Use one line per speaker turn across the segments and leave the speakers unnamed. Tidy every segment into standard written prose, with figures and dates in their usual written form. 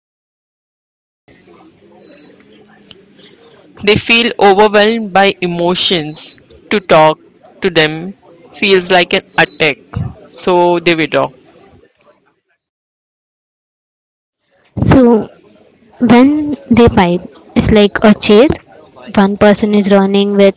pursue the partner. They feel overwhelmed by emotions. To talk to them feels like an attack, so they withdraw.
So, when they fight it's like a chase, one person is running with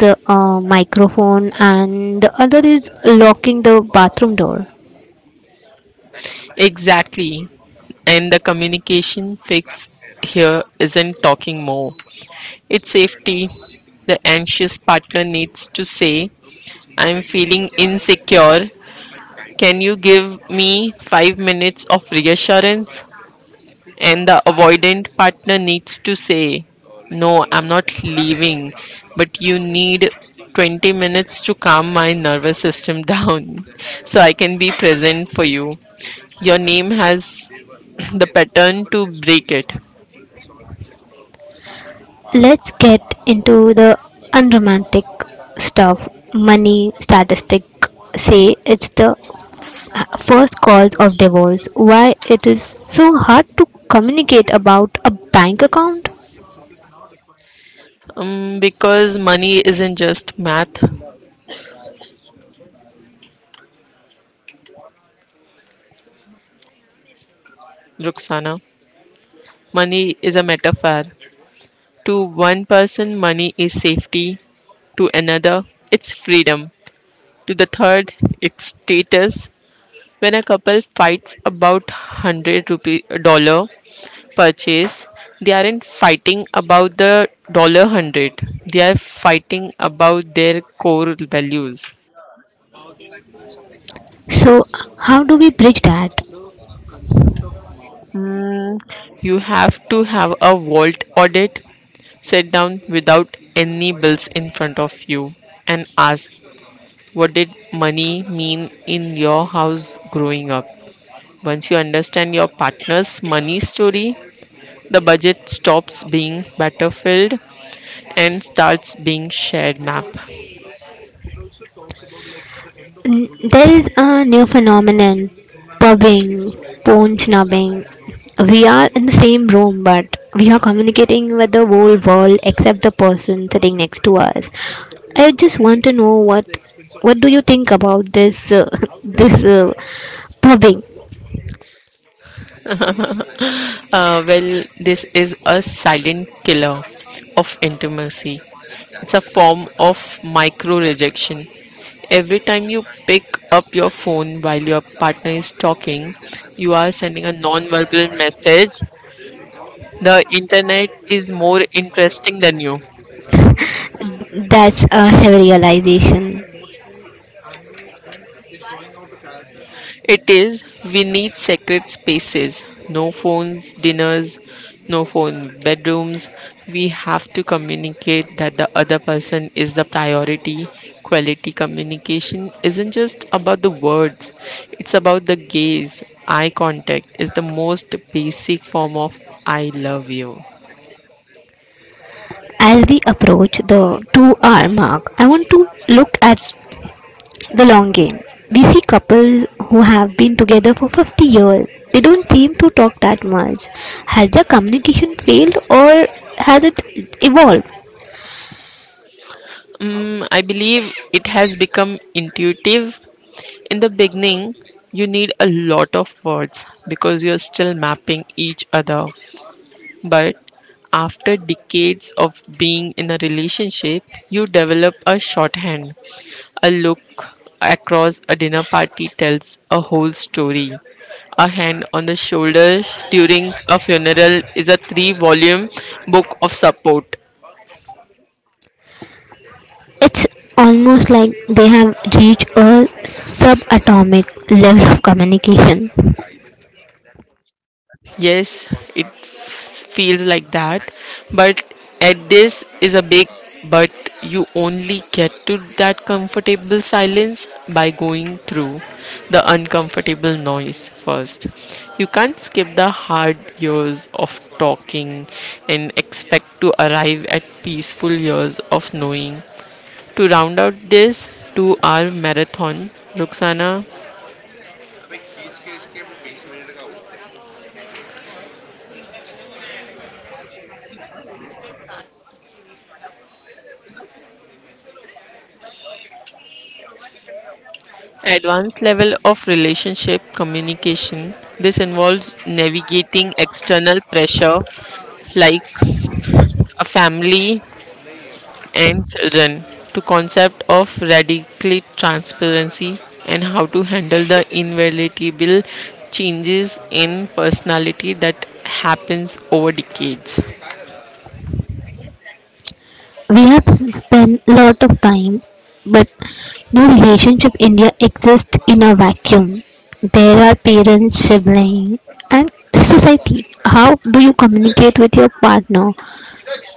the microphone and the other is locking the bathroom door.
Exactly. And the communication fix here isn't talking more, it's safety. The anxious partner needs to say, I'm feeling insecure. Can you give me 5 minutes of reassurance? And the avoidant partner needs to say, no, I'm not leaving, but you need 20 minutes to calm my nervous system down so I can be present for you. Your name has the pattern to break it.
Let's get into the unromantic stuff. Money statistic say it's the first cause of divorce. Why it is so hard to communicate about a bank account?
Because money isn't just math, Ruxana. Money is a metaphor. To one person, money is safety. To another, it's freedom. To the third, it's status. When a couple fights about hundred rupee dollar purchase, they aren't fighting about the dollar hundred. They are fighting about their core values.
So how do we bridge that?
You have to have a vault audit. Sit down without any bills in front of you and ask, what did money mean in your house growing up? Once you understand your partner's money story, the budget stops being battlefield and starts being shared map.
There is a new phenomenon, pubbing, phone snubbing. We are in the same room, but we are communicating with the whole world except the person sitting next to us. I just want to know what do you think about this this pubbing?
Well, this is a silent killer of intimacy. It's a form of micro rejection. Every time you pick up your phone while your partner is talking, you are sending a non verbal message. The internet is more interesting than you.
That's a heavy realization.
It is, we need sacred spaces. No phones, dinners, no phone bedrooms. We have to communicate that the other person is the priority. Quality communication isn't just about the words, it's about the gaze. Eye contact is the most basic form of I love you.
As we approach the 2 hour mark, I want to look at the long game. We see couples who have been together for 50 years. They don't seem to talk that much. Has their communication failed or has it evolved?
Mm, I believe it has become intuitive. In the beginning, you need a lot of words because you're still mapping each other. But after decades of being in a relationship, you develop a shorthand. A look across a dinner party tells a whole story. A hand on the shoulder during a funeral is a three volume book of support.
It's almost like they have reached a subatomic level of communication.
Yes, it feels like that. But at this is a big but you only get to that comfortable silence by going through the uncomfortable noise first. You can't skip the hard years of talking and expect to arrive at peaceful years of knowing. To round out this 2 hour marathon, Roxana, advanced level of relationship communication. This involves navigating external pressure like a family and children to concept of radical transparency and how to handle the inevitable changes in personality that happens over decades.
We have spent a lot of time, but no relationship in India exists in a vacuum. There are parents, siblings, and society. How do you communicate with your partner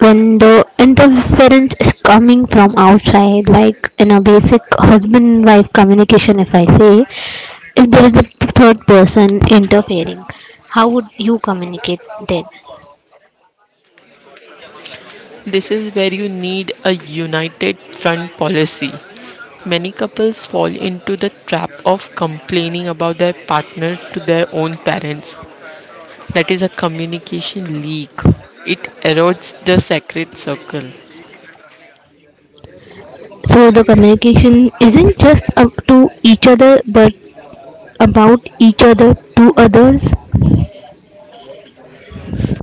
when the interference is coming from outside, like in a basic husband wife communication, if I say, if there is a third person interfering, how would you communicate then?
This is where you need a united front policy. Many couples fall into the trap of complaining about their partner to their own parents. That is a communication leak. It erodes the sacred circle.
So the communication isn't just up to each other but about each other to others.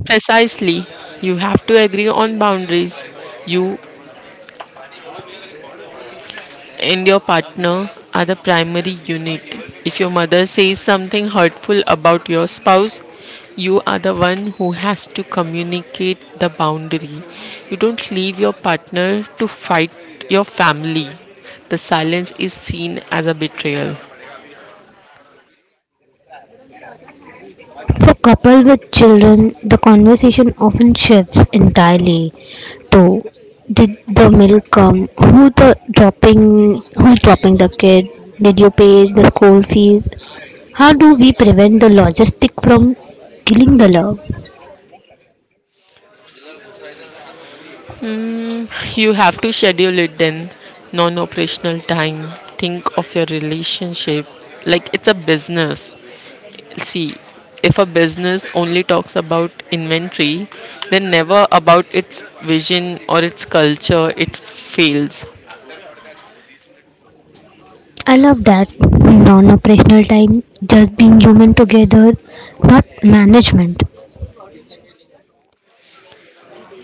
Precisely, you have to agree on boundaries. You and your partner are the primary unit. If your mother says something hurtful about your spouse, you are the one who has to communicate the boundary. You don't leave your partner to fight your family. The silence is seen as a betrayal.
For couples with children, the conversation often shifts entirely to, did the milk come? Dropping who's dropping the kid? Did you pay the school fees? How do we prevent the logistic from killing the love?
Hmm, you have to schedule it then. Non operational time. Think of your relationship like it's a business. See, if a business only talks about inventory, then never about its vision or its culture, it fails.
I love that non operational time, just being human together, not management.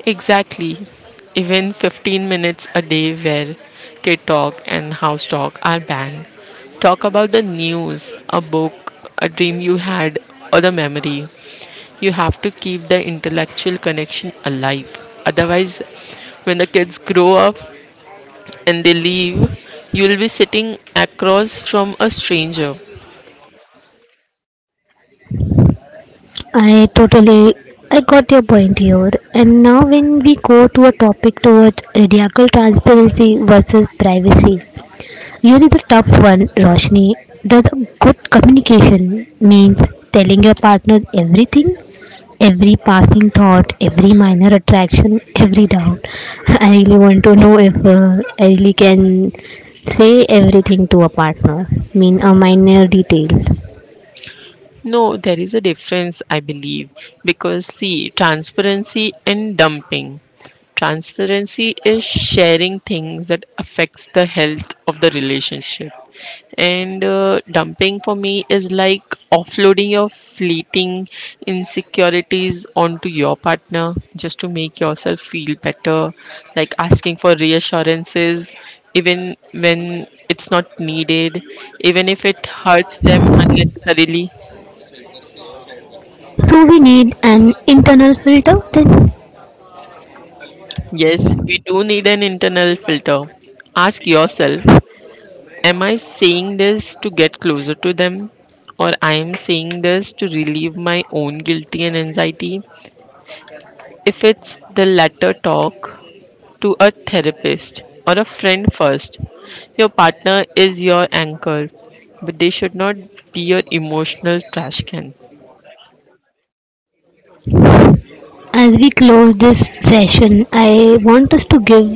Exactly. Even 15 minutes a day where kid talk and house talk are banned. Talk about the news, a book, a dream you had, or the memory. You have to keep the intellectual connection alive. Otherwise, when the kids grow up, and they leave, you'll be sitting across from a stranger.
I totally I got your point here. And now when we go to a topic towards radical transparency versus privacy, here is a tough one, Roshni. Does a good communication means telling your partner everything? Every passing thought, every minor attraction, every doubt. I really want to know if I really can say everything to a partner, mean a minor detail.
No, there is a difference, I believe, because see, transparency and dumping. Transparency is sharing things that affects the health of the relationship, and dumping for me is like offloading your fleeting insecurities onto your partner just to make yourself feel better, like asking for reassurances even when it's not needed, even if it hurts them unnecessarily.
So we need an internal filter then.
Yes, we do need an internal filter. Ask yourself, am I saying this to get closer to them? Or I am saying this to relieve my own guilt and anxiety? If it's the latter, talk to a therapist or a friend first. Your partner is your anchor, but they should not be your emotional trash can.
As we close this session, I want us to give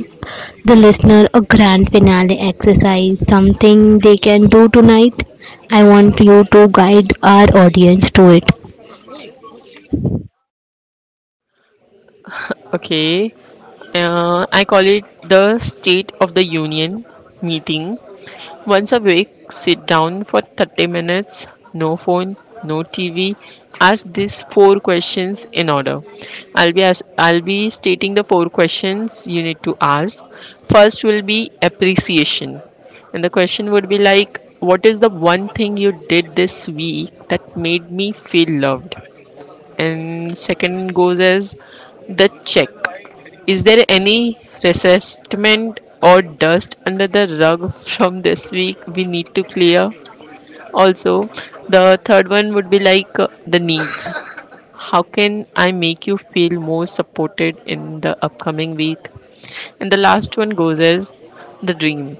the listener a grand finale exercise, something they can do tonight. I want you to guide our audience to it.
Okay, I call it the State of the Union meeting. Once a week, sit down for 30 minutes, no phone, no TV. Ask these four questions in order. I'll be stating the four questions you need to ask. First will be appreciation. And the question would be like, what is the one thing you did this week that made me feel loved? And second goes as the check. Is there any resentment or dust under the rug from this week we need to clear? Also, the third one would be like the needs. How can I make you feel more supported in the upcoming week? And the last one goes as the dream.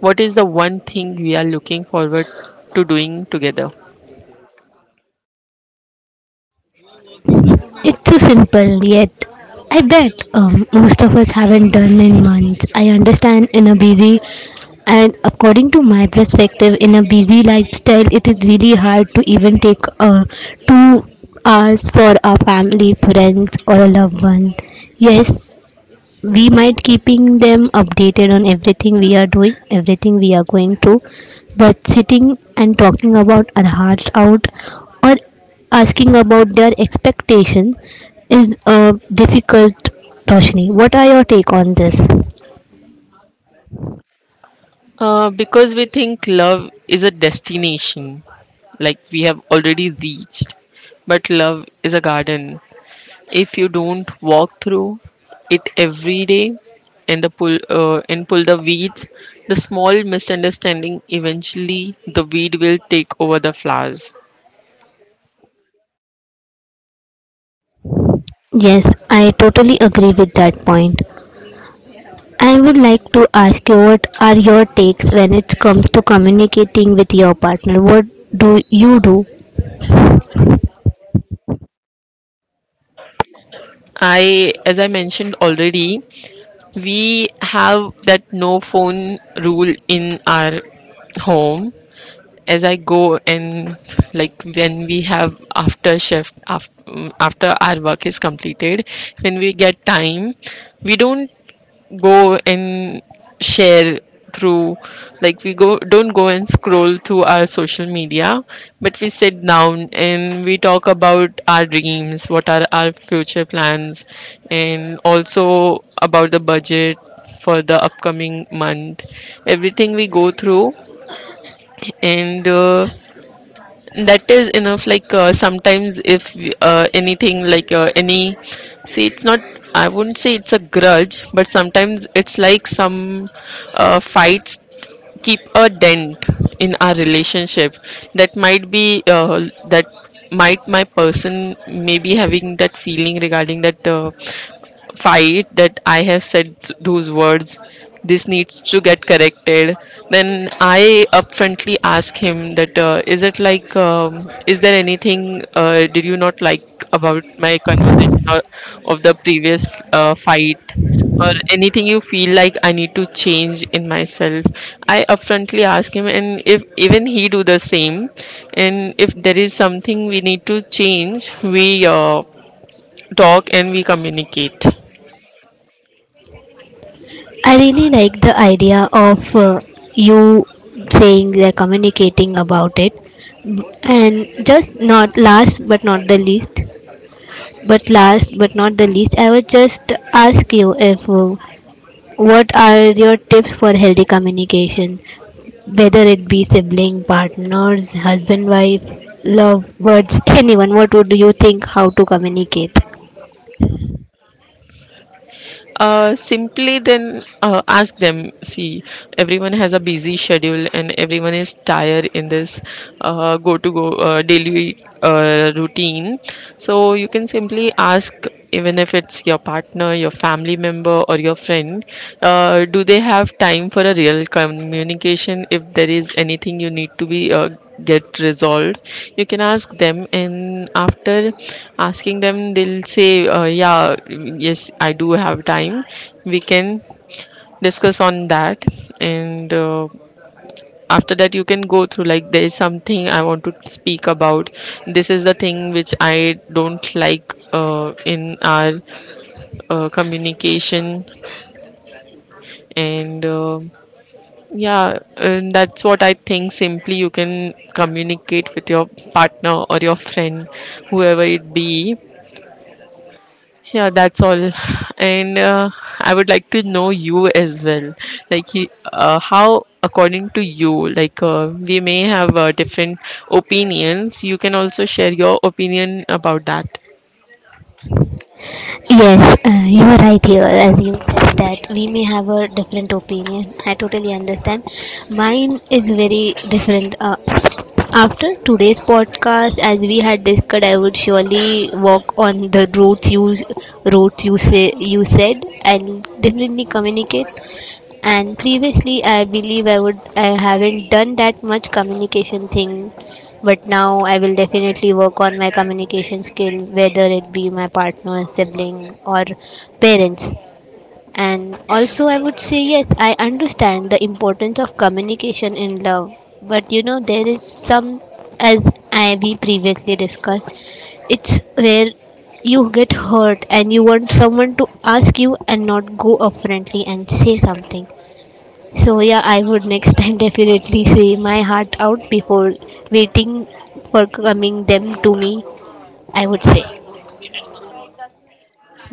What is the one thing we are looking forward to doing together?
It's so simple, yet I bet most of us haven't done in months. I understand in a busy, and according to my perspective, in a busy lifestyle, it is really hard to even take 2 hours for our family, friends, or a loved one. Yes, we might keeping them updated on everything we are doing, everything we are going through, but sitting and talking about our hearts out or asking about their expectation is a difficult. Roshni, what are your take on this?
Because we think love is a destination, like we have already reached, but love is a garden. If you don't walk through it every day and the pull and pull the weeds, the small misunderstanding eventually the weed will take over the flowers.
Yes, I totally agree with that point. I would like to ask you, what are your takes when it comes to communicating with your partner? What do you do?
I, as I mentioned already, we have that no phone rule in our home. As I go and, like, when we have after shift after our work is completed, when we get time, we don't go and share through, like, we go don't go and scroll through our social media, but we sit down and we talk about our dreams, what are our future plans, and also about the budget for the upcoming month, everything we go through. And that is enough. Like, sometimes if, anything, like, any, see, it's not, I wouldn't say it's a grudge, but sometimes it's like some fights keep a dent in our relationship. That might be, that might, my person may be having that feeling regarding that fight that I have said those words. This needs to get corrected. Then I upfrontly ask him that, is it like, is there anything, did you not like about my conversation or of the previous fight, or anything you feel like I need to change in myself. I upfrontly ask him, and if even he do the same, and if there is something we need to change, we talk and we communicate.
I really like the idea of you saying they're communicating about it. And just not last but not the least, but last but not the least, I would just ask you if what are your tips for healthy communication, whether it be sibling, partners, husband, wife, love, words, anyone, what would you think how to communicate?
Simply then ask them. See, everyone has a busy schedule and everyone is tired in this go to go daily routine. So you can simply ask, even if it's your partner, your family member, or your friend, do they have time for a real communication? If there is anything you need to be get resolved, you can ask them. And after asking them, they'll say, yeah, yes, I do have time, we can discuss on that. And after that you can go through, like, there is something I want to speak about, this is the thing which I don't like in our communication. And yeah, and that's what I think. Simply, you can communicate with your partner or your friend, whoever it be. Yeah, that's all. And I would like to know you as well. Like, how, according to you, like, we may have different opinions. You can also share your opinion about that.
Yes, you are right here as you said that we may have a different opinion. I totally understand. Mine is very different. After today's podcast, as we had discussed, I would surely walk on the routes you say you said and definitely communicate, and previously, I believe I haven't done that much communication thing, but now I will definitely work on my communication skill, whether it be my partner, sibling, or parents. And also, I would say yes, I understand the importance of communication in love, but you know there is some, as I we previously discussed, it's where you get hurt and you want someone to ask you and not go up friendly and say something. So yeah, I would next time definitely say my heart out before waiting for coming them to me, I would say.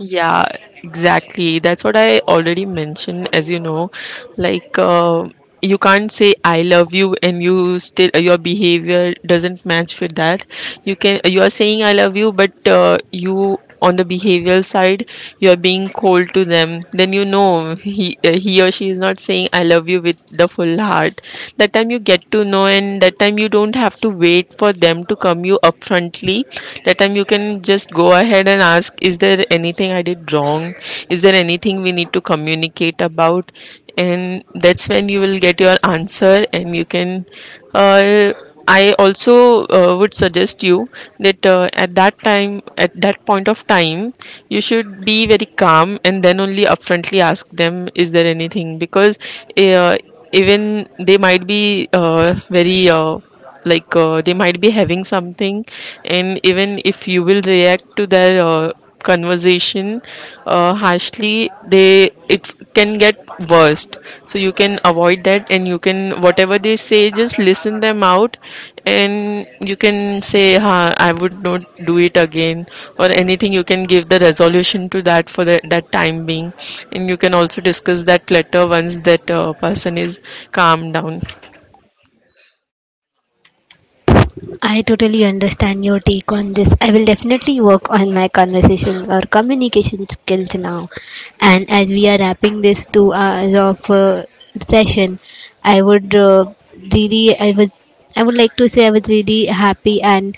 Yeah, exactly. That's what I already mentioned, as you know. Like, you can't say I love you and you still your behavior doesn't match with that. You can you are saying I love you, but you on the behavioral side you are being cold to them, then you know he, he or she is not saying I love you with the full heart. That time you get to know, and that time you don't have to wait for them to come, you upfrontly, that time you can just go ahead and ask, is there anything I did wrong, is there anything we need to communicate about. And that's when you will get your answer. And you can uh, I also would suggest you that at that time, at that point of time, you should be very calm and then only upfrontly ask them, is there anything? Because uh, even they might be very like they might be having something. And even if you will react to their conversation harshly, they it can get worst. So you can avoid that, and you can, whatever they say, just listen them out. And you can say, ha, I would not do it again, or anything. You can give the resolution to that for the, that time being. And you can also discuss that letter once that person is calmed down.
I totally understand your take on this. I will definitely work on my conversation or communication skills now. And as we are wrapping this 2 hours of session, I would really, I would like to say I was really happy and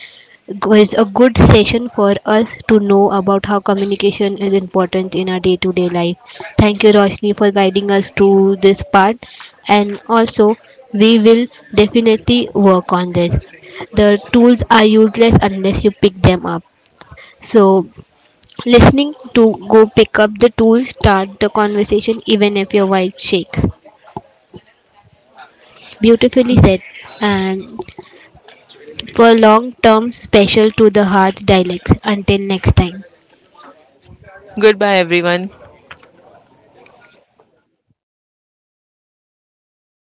it was a good session for us to know about how communication is important in our day-to-day life. Thank you, Roshni, for guiding us to this part, and also we will definitely work on this. The tools are useless unless you pick them up. So, listening to go pick up the tools, start the conversation even if your wife shakes. Beautifully said. And for long term, special to the heart dialects. Until next time.
Goodbye, everyone.